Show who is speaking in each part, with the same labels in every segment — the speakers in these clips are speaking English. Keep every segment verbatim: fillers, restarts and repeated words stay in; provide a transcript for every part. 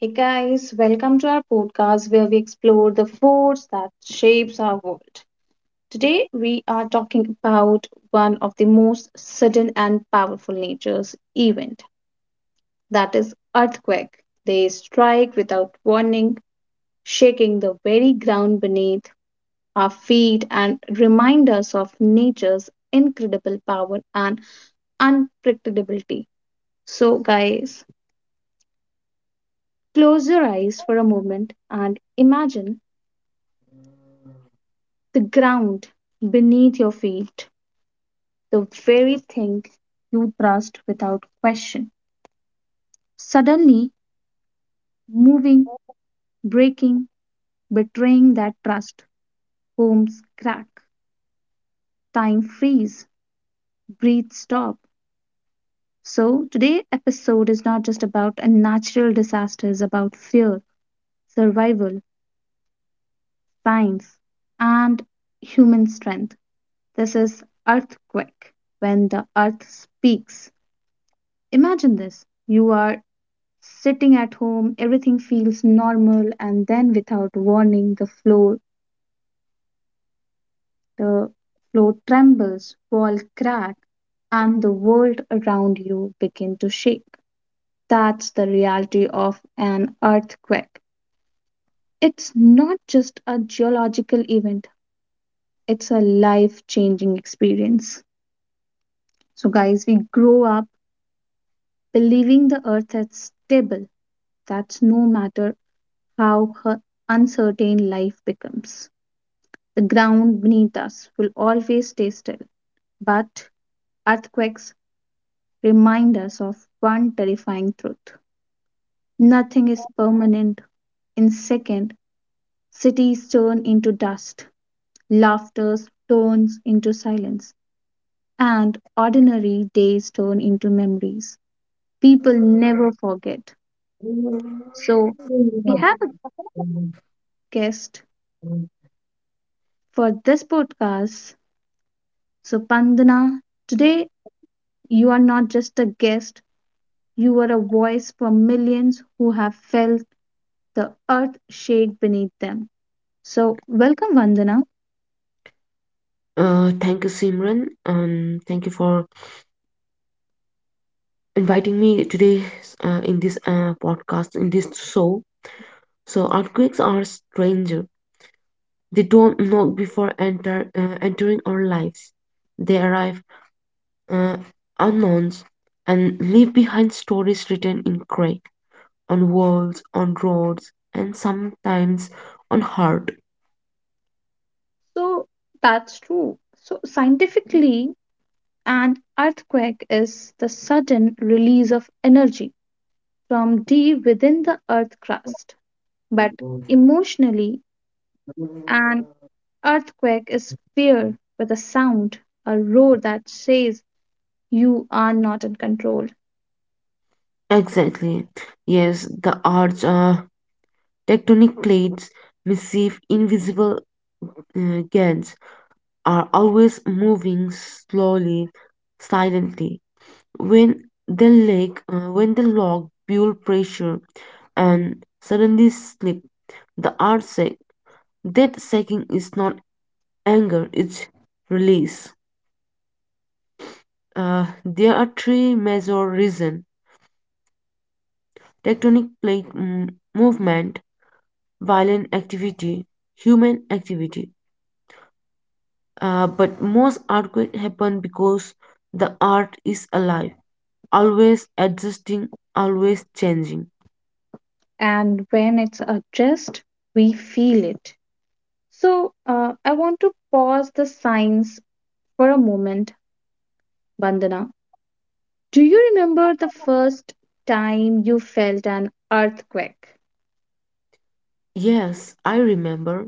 Speaker 1: Hey guys, welcome to our podcast where we explore the force that shapes our world. Today we are talking about one of the most sudden and powerful nature's event, that is earthquake. They strike without warning, shaking the very ground beneath our feet and remind us of nature's incredible power and unpredictability. So guys, close your eyes for a moment and imagine the ground beneath your feet, the very thing you trust without question, suddenly moving, breaking, betraying that trust. Homes crack, time freeze, breathe stop. So, today's episode is not just about a natural disaster, it's about fear, survival, science, and human strength. This is earthquake when the earth speaks. Imagine this. You are sitting at home, everything feels normal, and then without warning the floor the floor trembles, wall crack, and the world around you begin to shake. That's the reality of an earthquake. It's not just a geological event, it's a life changing experience. So guys, we grow up believing the earth is stable, that's no matter how her uncertain life becomes, the ground beneath us will always stay still, but earthquakes remind us of one terrifying truth. Nothing is permanent. In second, cities turn into dust, laughter turns into silence, and ordinary days turn into memories. People never forget. So we have a guest for this podcast. So Pandana, today you are not just a guest, you are a voice for millions who have felt the earth shake beneath them. So, welcome, Vandana.
Speaker 2: Uh, thank you, Simran. Um, thank you for inviting me today uh, in this uh, podcast, in this show. So, earthquakes are stranger. They don't knock before enter uh, entering our lives. They arrive uh, unknowns and leave behind stories written in crack on walls, on roads, and sometimes on heart.
Speaker 1: So, that's true. So, scientifically, an earthquake is the sudden release of energy from deep within the earth crust. But emotionally, an earthquake is fear with a sound, a roar that says you are not in control.
Speaker 2: Exactly. Yes, the arch uh, tectonic plates receive invisible uh, gains are always moving slowly, silently. When the lag, uh, when the log build pressure and suddenly slip, the art sec. That sacking is not anger; it's release. Uh, there are three major reasons: tectonic plate mm, movement, violent activity, human activity. Uh, but most earthquakes happen because the art is alive, always adjusting, always changing.
Speaker 1: And when it's addressed, we feel it. So, uh, I want to pause the science for a moment, Bandana. Do you remember the first time you felt an earthquake?
Speaker 2: Yes, I remember.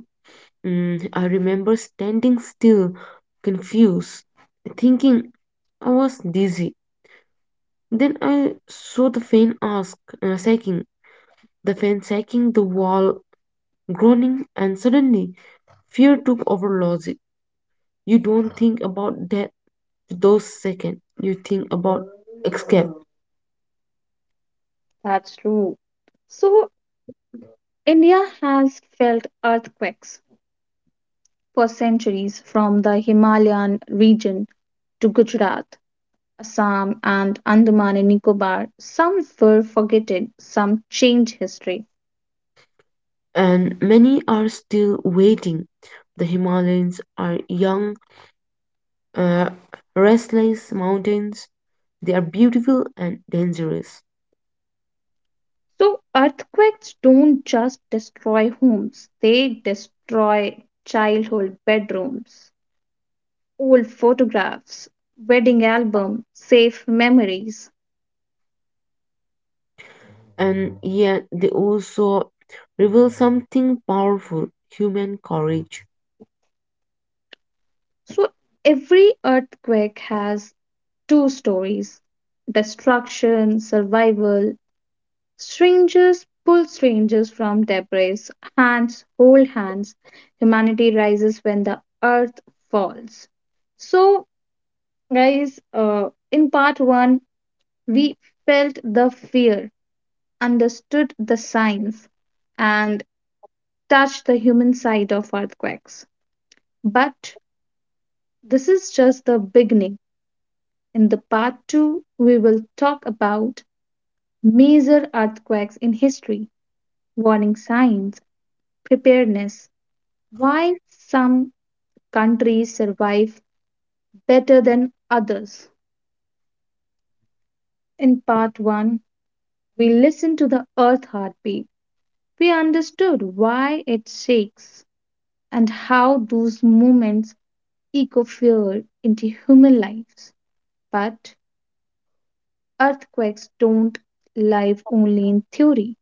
Speaker 2: Mm, I remember standing still, confused, thinking I was dizzy. Then I saw the fan ask, uh, shaking, the fan shaking the wall, groaning, and suddenly fear took over logic. You don't think about death those seconds. You think about escape.
Speaker 1: That's true. So, India has felt earthquakes for centuries, from the Himalayan region to Gujarat, Assam, and Andaman and Nicobar. Some were forgotten, some changed history.
Speaker 2: And many are still waiting. The Himalayans are young uh, restless mountains. They are beautiful and dangerous,
Speaker 1: So, earthquakes don't just destroy homes, they destroy childhood bedrooms, old photographs, wedding album, safe memories.
Speaker 2: and yet they also reveal something powerful human courage.
Speaker 1: So, every earthquake has two stories: destruction, survival. Strangers pull strangers from debris, hands hold hands. Humanity rises when the earth falls. So, guys, uh, in part one, we felt the fear, understood the signs, and touched the human side of earthquakes. But this is just the beginning. In the part two, we will talk about major earthquakes in history, warning signs, preparedness, why some countries survive better than others. In part one, we listened to the earth heartbeat. We understood why it shakes and how those moments echo fear into human lives. But earthquakes don't live only in theory,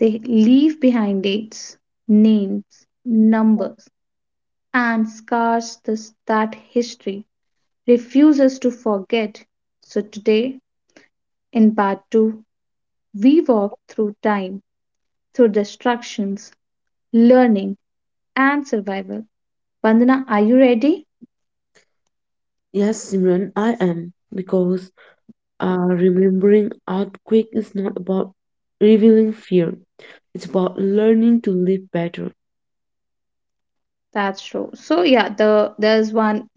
Speaker 1: they leave behind dates, names, numbers, and scars this, that history refuses to forget. So today, in part two, we walk through time, through destructions, learning, and survival. Bandana, are you ready?
Speaker 2: Yes, Simran, I am. Because uh, remembering earthquake is not about revealing fear, it's about learning to live better.
Speaker 1: That's true. So yeah, the there's one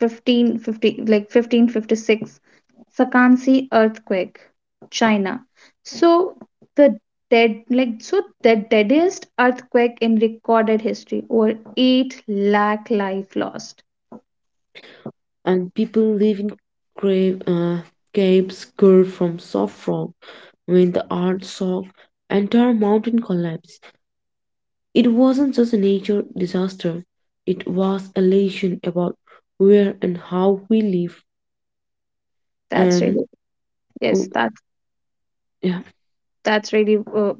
Speaker 1: fifteen fifty like fifteen fifty-six Sakansi earthquake, China. So the dead like so the deadest earthquake in recorded history, over eight lakh life lost.
Speaker 2: And people live in grave, uh, caves carved from soft rock. When the earth shock, entire mountain collapse. It wasn't just a nature disaster, it was a lesson about where and how we live.
Speaker 1: That's
Speaker 2: And
Speaker 1: really yes,
Speaker 2: oh,
Speaker 1: that
Speaker 2: yeah,
Speaker 1: that's really uh,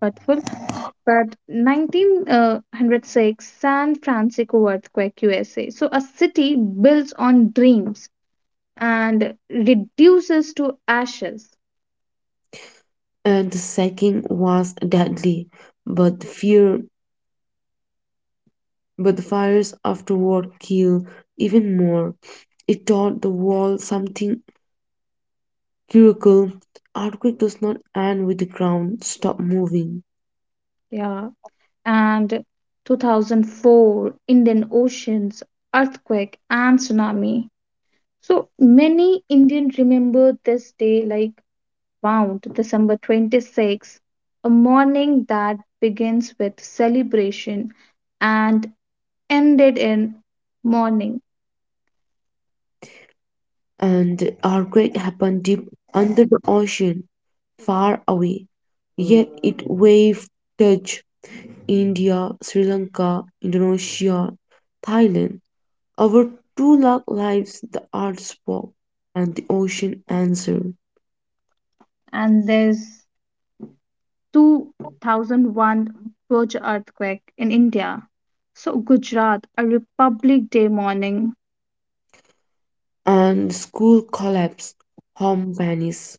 Speaker 1: hurtful. But nineteen oh six San Francisco earthquake, U S A. So a city builds on dreams and reduces to ashes.
Speaker 2: and the sacking was deadly, but the fear, but the fires afterward killed even more. It taught the world something critical. Earthquake does not end with the ground stop moving,
Speaker 1: Yeah. And two thousand four Indian Oceans earthquake and tsunami. So many Indians remember this day like round December twenty-sixth, a morning that begins with celebration and ended in mourning.
Speaker 2: and the earthquake happened deep under the ocean, far away. Yet it waved touch India, Sri Lanka, Indonesia, Thailand. Over two lakh lives, the earth spoke, and the ocean answered,
Speaker 1: And there's two thousand one Bhuj earthquake in India. So Gujarat, a Republic Day morning,
Speaker 2: and the school collapsed, home vanished,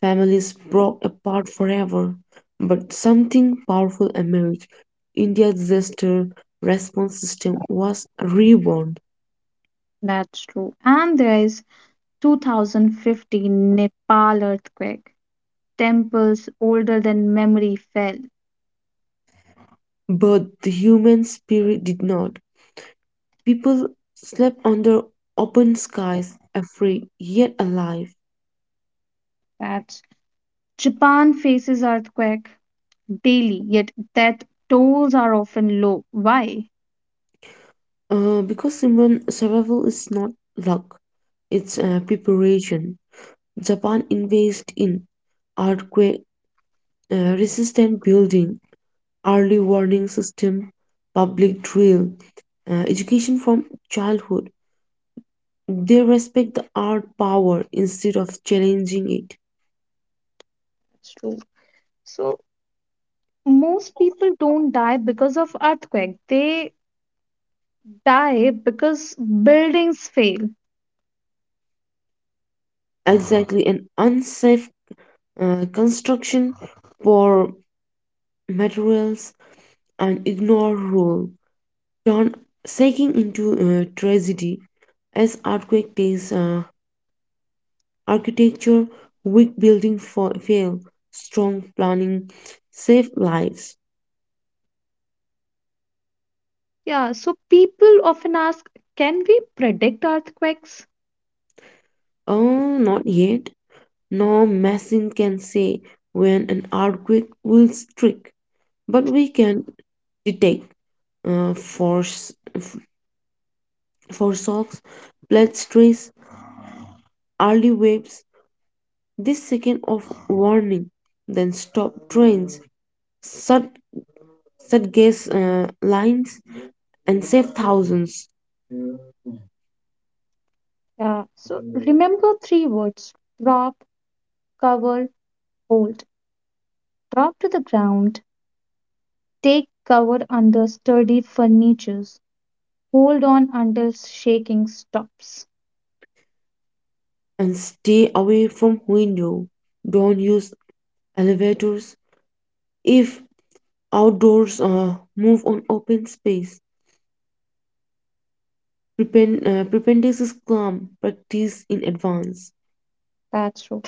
Speaker 2: families broke apart forever. But something powerful emerged. India's disaster response system was reborn,
Speaker 1: that's true. And there is two thousand fifteen Nepal earthquake. Temples older than memory fell.
Speaker 2: but the human spirit did not. People slept under open skies, afraid yet alive.
Speaker 1: That's Japan faces earthquake daily, yet death tolls are often low. Why?
Speaker 2: Uh, because Simran, survival is not luck, it's uh, preparation. Japan invested in earthquake uh, resistant building, early warning system, public drill, uh, education from childhood. They respect the art power instead of challenging it.
Speaker 1: That's true. So most people don't die because of earthquake. They die because buildings fail.
Speaker 2: Uh-huh. Exactly, an unsafe uh, construction for materials and ignore rule. John shaking into uh, tragedy as earthquake takes uh, architecture, weak building for fail, strong planning save lives.
Speaker 1: Yeah, so people often ask, can we predict earthquakes?
Speaker 2: Oh, not yet. No machine can say when an earthquake will strike, but we can detect uh, force, for shocks, blood stress, early waves. This second of warning, then stop trains, shut set gas uh, lines and save thousands
Speaker 1: Yeah, so remember three words: drop, cover, hold. Drop to the ground, take cover under sturdy furniture. Hold on until shaking stops.
Speaker 2: and stay away from window, don't use elevators if outdoors uh, move on open space. Prepend uh, prependice is calm practice in advance
Speaker 1: That's true.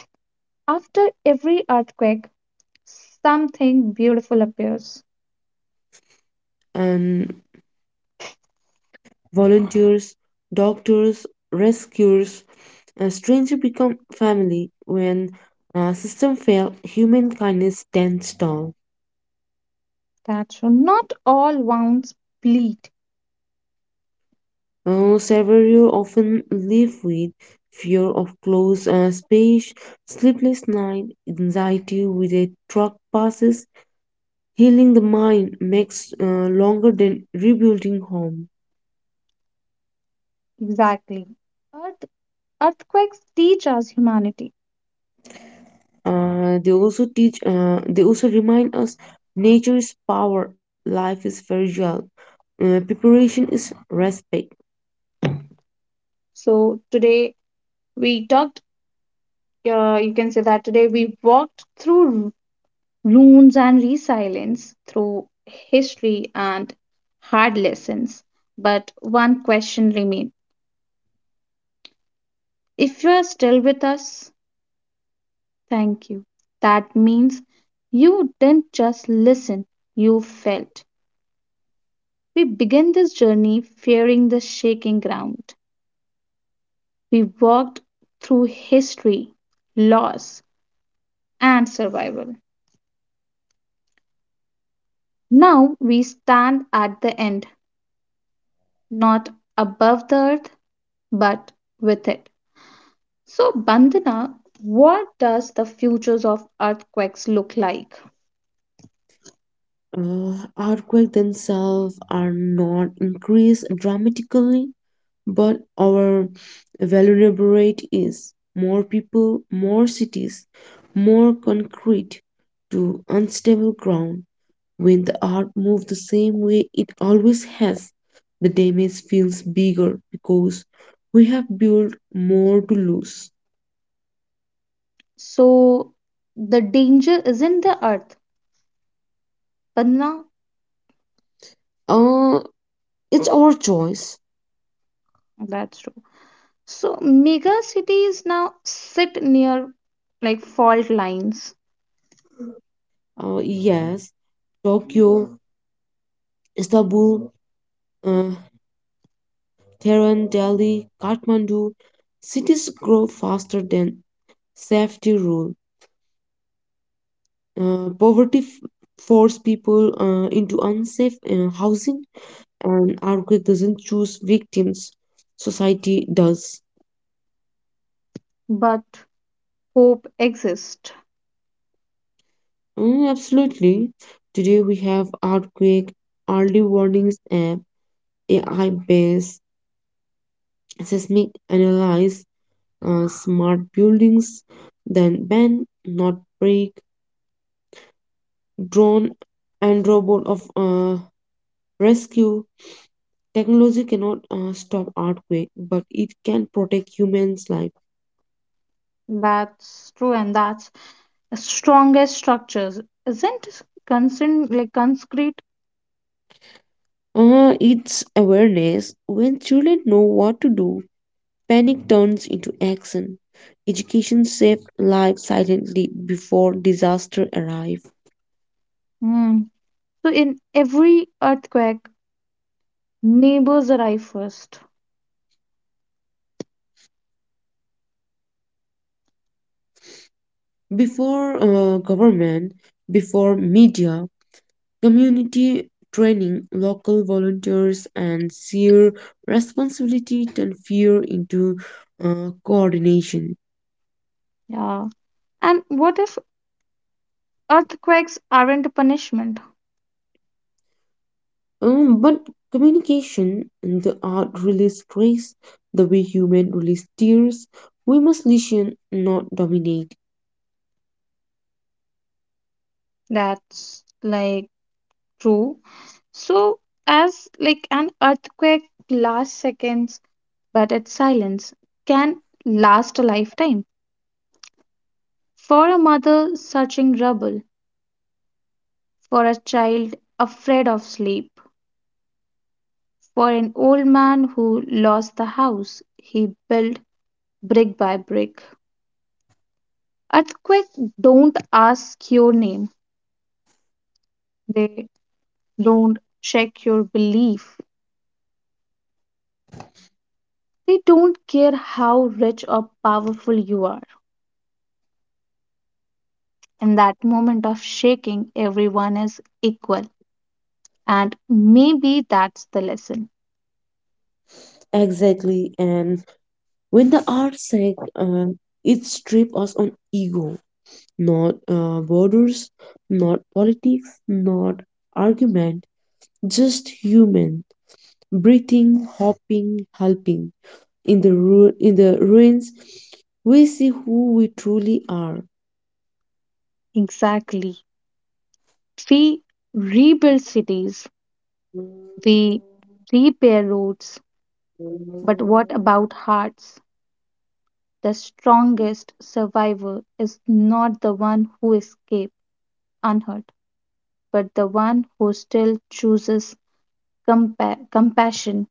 Speaker 1: After every earthquake, something beautiful appears.
Speaker 2: and volunteers doctors rescuers a stranger become family when a system fail human kindness stands tall.
Speaker 1: That's true. Not all wounds bleed.
Speaker 2: Uh, several often live with fear of closed uh, space, sleepless night, anxiety with a truck passes. Healing the mind makes uh, longer than rebuilding home.
Speaker 1: Exactly. Earth, earthquakes teach us humanity.
Speaker 2: Uh, they also teach. Uh, they also remind us nature is power, life is fragile, uh, preparation is respect.
Speaker 1: So today we talked, uh, you can say that today we walked through ruins and resilience, through history and hard lessons. But one question remains. If you are still with us, thank you. That means you didn't just listen, you felt. We began this journey fearing the shaking ground. We walked through history, loss, and survival. Now we stand at the end, not above the earth, but with it. So, Bandana, what does the futures of earthquakes look like?
Speaker 2: Uh, Earthquakes themselves are not increased dramatically but our vulnerability is more people, more cities, more concrete to unstable ground. When the earth moves the same way it always has, the damage feels bigger because we have built more to lose.
Speaker 1: So, the danger isn't the earth, Bandana.
Speaker 2: Uh, it's our choice.
Speaker 1: That's true. So mega cities now sit near like fault lines,
Speaker 2: Uh, yes, Tokyo, Istanbul, uh, Tehran, Delhi, Kathmandu, cities grow faster than safety rules. Uh, poverty f- force people uh, into unsafe uh, housing, and earthquake doesn't choose victims. Society does.
Speaker 1: but hope exists.
Speaker 2: Mm, absolutely. Today we have earthquake, early warnings app, A I based seismic analyze, uh, smart buildings, then ban, not break, drone, and robot of uh, rescue. Technology cannot uh, stop earthquake, but it can protect humans' life.
Speaker 1: That's true, and that's the strongest structures isn't concern like concrete.
Speaker 2: Uh, it's awareness. When children know what to do, panic turns into action. Education saves lives silently before disaster arrives.
Speaker 1: Hmm. So in every earthquake, neighbors arrive first.
Speaker 2: Before uh, government, before media, community training, local volunteers, and sheer responsibility turn fear into uh, coordination.
Speaker 1: Yeah. And what if earthquakes aren't a punishment?
Speaker 2: Um, but communication and the art release stress the way human release tears. We must listen, not dominate.
Speaker 1: That's like true. So as like an earthquake lasts seconds but its silence can last a lifetime. For a mother searching rubble, for a child afraid of sleep, for an old man who lost the house he built brick by brick. Earthquakes don't ask your name, they don't check your belief, they don't care how rich or powerful you are. In that moment of shaking, everyone is equal, and maybe that's the lesson.
Speaker 2: Exactly. And when the art sec, uh, it strip us on ego, not uh, borders, not politics, not argument, just human. Breathing, hopping, helping. In the ru- in the ruins, we see who we truly are.
Speaker 1: Exactly. We rebuild cities, we repair roads, but what about hearts? The strongest survivor is not the one who escapes unhurt, but the one who still chooses compa- compassion.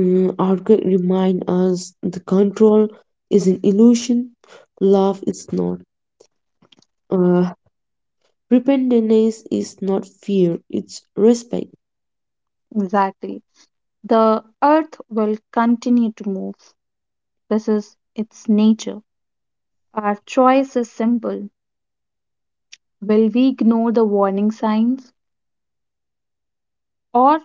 Speaker 2: Mm, Arthur remind us the control is an illusion, love is not. Uh, Repentance is not fear, it's respect.
Speaker 1: Exactly. The earth will continue to move. This is its nature. Our choice is simple. Will we ignore the warning signs, or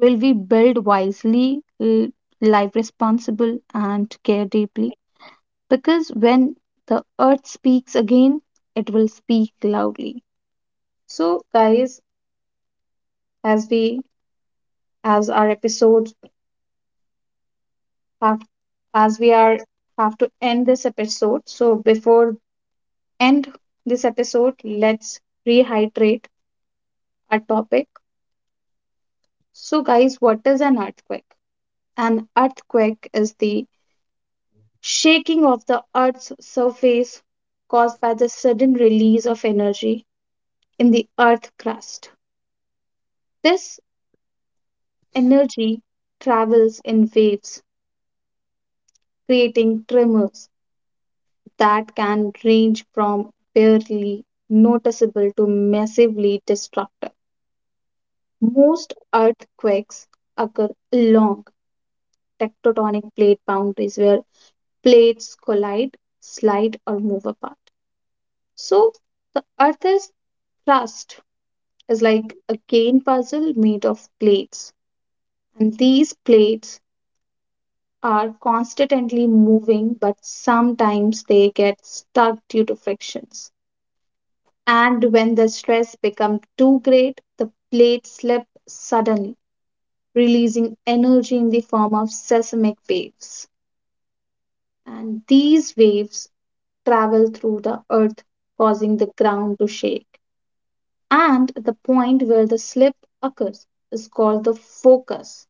Speaker 1: will we build wisely, l- live responsible, and care deeply? Because when the earth speaks again, it will speak loudly. So, guys, as we as our episodes have as we are have to end this episode. So before end this episode, let's rehydrate our topic. So guys, what is an earthquake? An earthquake is the shaking of the Earth's surface caused by the sudden release of energy in the Earth crust. This energy travels in waves, creating tremors that can range from barely noticeable to massively destructive. Most earthquakes occur along tectonic plate boundaries where plates collide, slide, or move apart. So, the Earth's crust is like a game puzzle made of plates. And these plates are constantly moving, but sometimes they get stuck due to frictions. And when the stress becomes too great, the plates slip suddenly, releasing energy in the form of seismic waves. And these waves travel through the earth, causing the ground to shake. And the point where the slip occurs is called the focus,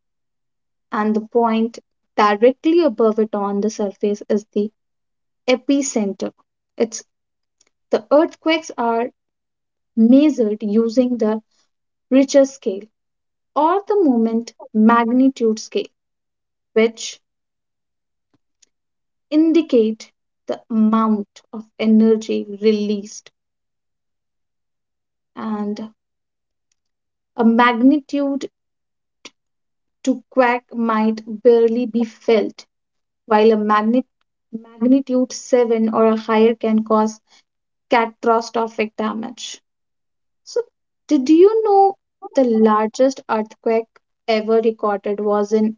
Speaker 1: and the point directly above it on the surface is the epicenter. It's the earthquakes are measured using the Richter scale or the moment magnitude scale, which indicate the amount of energy released. And a magnitude to quake might barely be felt, while a magnet magnitude seven or a higher can cause catastrophic damage. So, did you know the largest earthquake ever recorded was in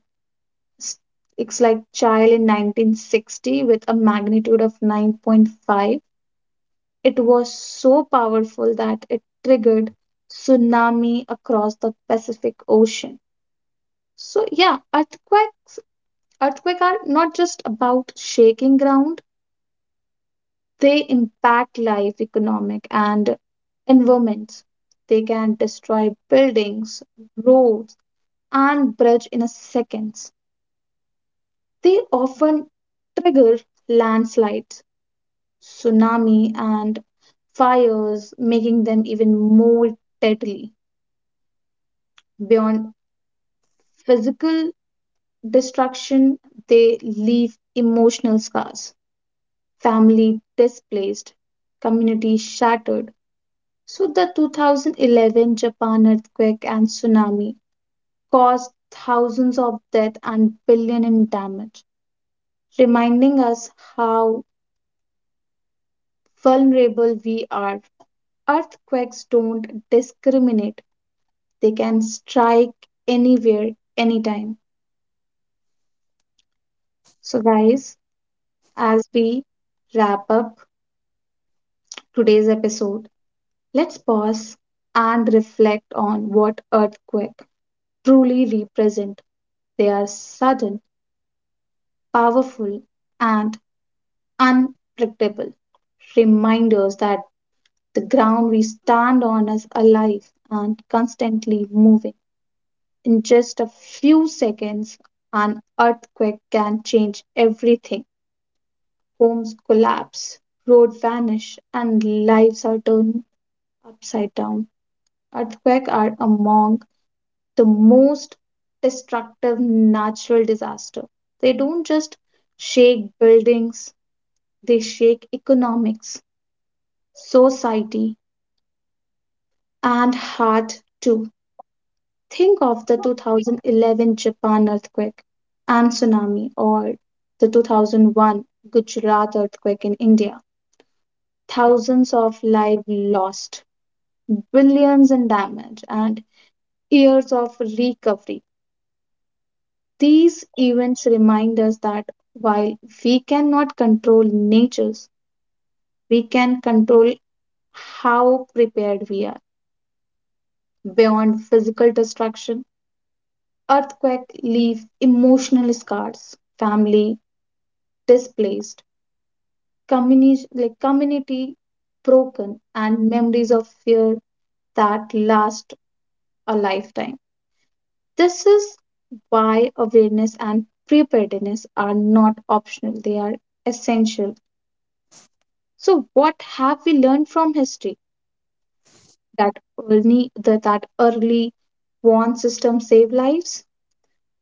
Speaker 1: S- it's like Chile in nineteen sixty with a magnitude of nine point five? It was so powerful that it triggered tsunami across the Pacific Ocean. So yeah, earthquakes earthquakes are not just about shaking ground, they impact life, economic and environments. They can destroy buildings, roads, and bridge in a seconds. They often trigger landslides, tsunami, and fires, making them even more deadly. Beyond physical destruction, they leave emotional scars, family displaced, community shattered. So, the two thousand eleven Japan earthquake and tsunami caused thousands of deaths and billion in damage, reminding us how vulnerable we are. Earthquakes don't discriminate, they can strike anywhere, anytime. So, guys, as we wrap up today's episode, let's pause and reflect on what earthquake truly represent. They are sudden, powerful, and unpredictable reminders that the ground we stand on is alive and constantly moving. In just a few seconds, an earthquake can change everything. Homes collapse, roads vanish, and lives are turned upside down. Earthquakes are among the most destructive natural disasters. They don't just shake buildings, they shake economics, society, and heart too. Think of the two thousand eleven Japan earthquake and tsunami, or the two thousand one Gujarat earthquake in India. Thousands of lives lost, billions in damage, and years of recovery. These events remind us that while we cannot control natures, we can control how prepared we are. Beyond physical destruction, earthquakes leave emotional scars. Family, displaced, community, like community broken, and memories of fear that last a lifetime. This is why awareness and preparedness are not optional, they are essential. So, what have we learned from history? That early, that, that early warn system save lives,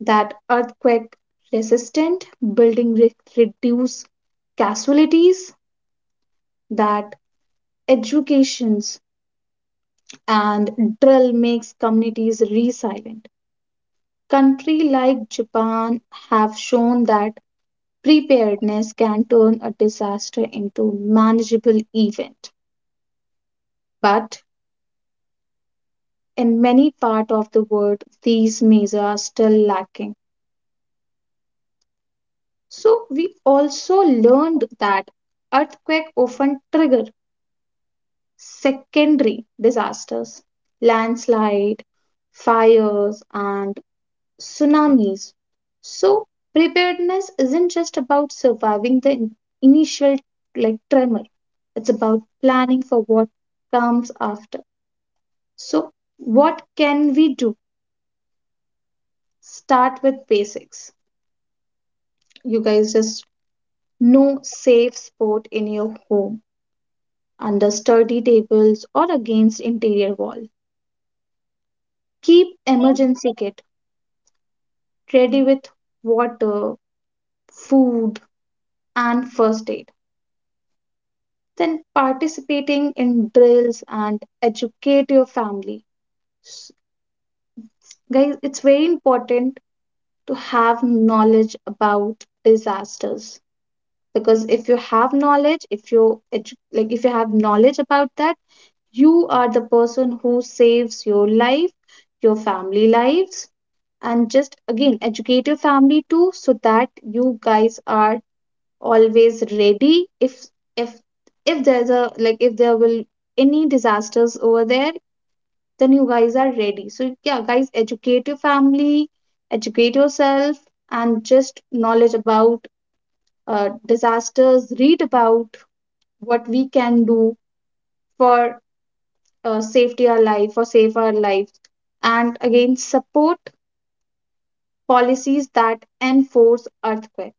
Speaker 1: that earthquake resistant building re- reduce casualties, that educations and drill makes communities resilient. Countries like Japan have shown that preparedness can turn a disaster into manageable event. But in many parts of the world, these measures are still lacking. So we also learned that earthquake often trigger secondary disasters, landslide, fires, and tsunamis. So preparedness isn't just about surviving the in- initial like tremor. It's about planning for what comes after. So what can we do? Start with basics. You guys just know safe spot in your home under sturdy tables or against interior wall. Keep emergency kit ready with water, food and first aid, then participating in drills and educate your family. S- Guys, it's very important to have knowledge about disasters, because if you have knowledge, if you edu- like if you have knowledge about that, you are the person who saves your life, your family lives, and just again educate your family too, so that you guys are always ready if if if there's a like if there will any disasters over there, then you guys are ready. So yeah guys, educate your family, educate yourself, and just knowledge about uh, disasters, read about what we can do for uh, safety our life or save our lives. And again, support policies that enforce earthquake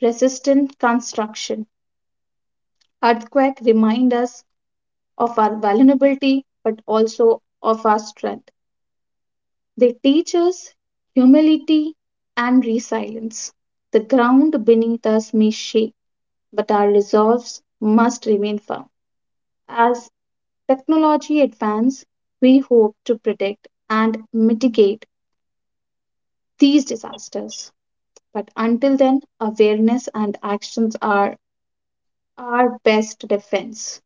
Speaker 1: resistant construction. Earthquake remind us of our vulnerability, but also of our strength. They teach us humility and resilience. The ground beneath us may shake, but our resolves must remain firm. As technology advances, we hope to predict and mitigate these disasters. But until then, awareness and actions are our best defense.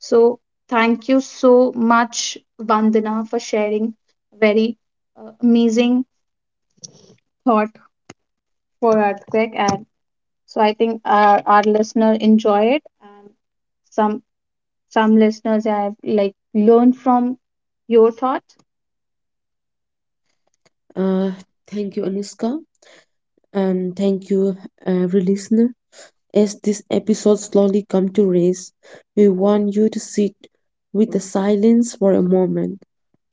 Speaker 1: So, thank you so much, Vandana, for sharing very uh, amazing thought for earthquake. And so, I think our, our listener enjoy it, and some some listeners have like learned from your thought.
Speaker 2: Uh, Thank you, Anuska, and thank you, every listener. As this episode slowly come to rest, we want you to sit with the silence for a moment,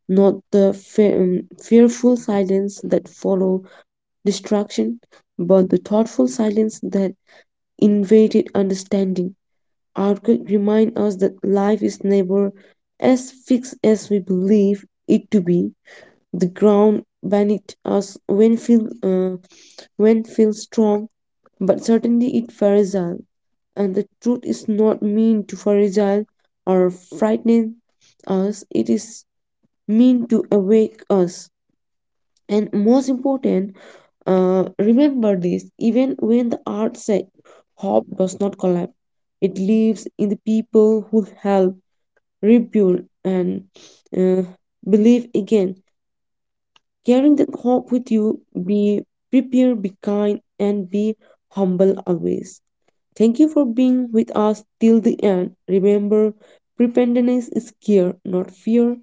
Speaker 2: not the fe- um, fearful silence that follow destruction, but the thoughtful silence that invaded understanding. Earthquake remind us that life is never as fixed as we believe it to be. The ground beneath us when feel uh, when feels strong, but certainly it fragile. And the truth is not mean to fragile or frighten us. It is mean to awake us. And most important, uh, remember this even when the art se- hope does not collapse, it lives in the people who help rebuild and uh, believe again. Carrying that hope with you, be prepared, be kind, and be humble always. Thank you for being with us till the end. Remember, preparedness is care, not fear.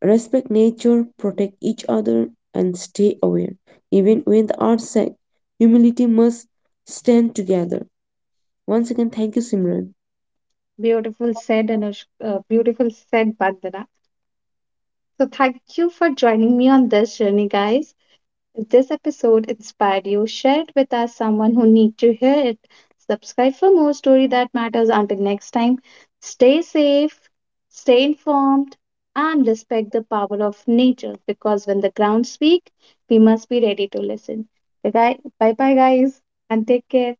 Speaker 2: Respect nature, protect each other, and stay aware. Even when the odds say humility must stand together. Once again, thank you, Simran.
Speaker 1: Beautiful said, and uh, beautiful said, Vandana. So, thank you for joining me on this journey, guys. If this episode inspired you, share it with us someone who needs to hear it. Subscribe for more story that matters. Until next time, stay safe, stay informed, and respect the power of nature, because when the ground speaks, we must be ready to listen. Bye bye guys and take care.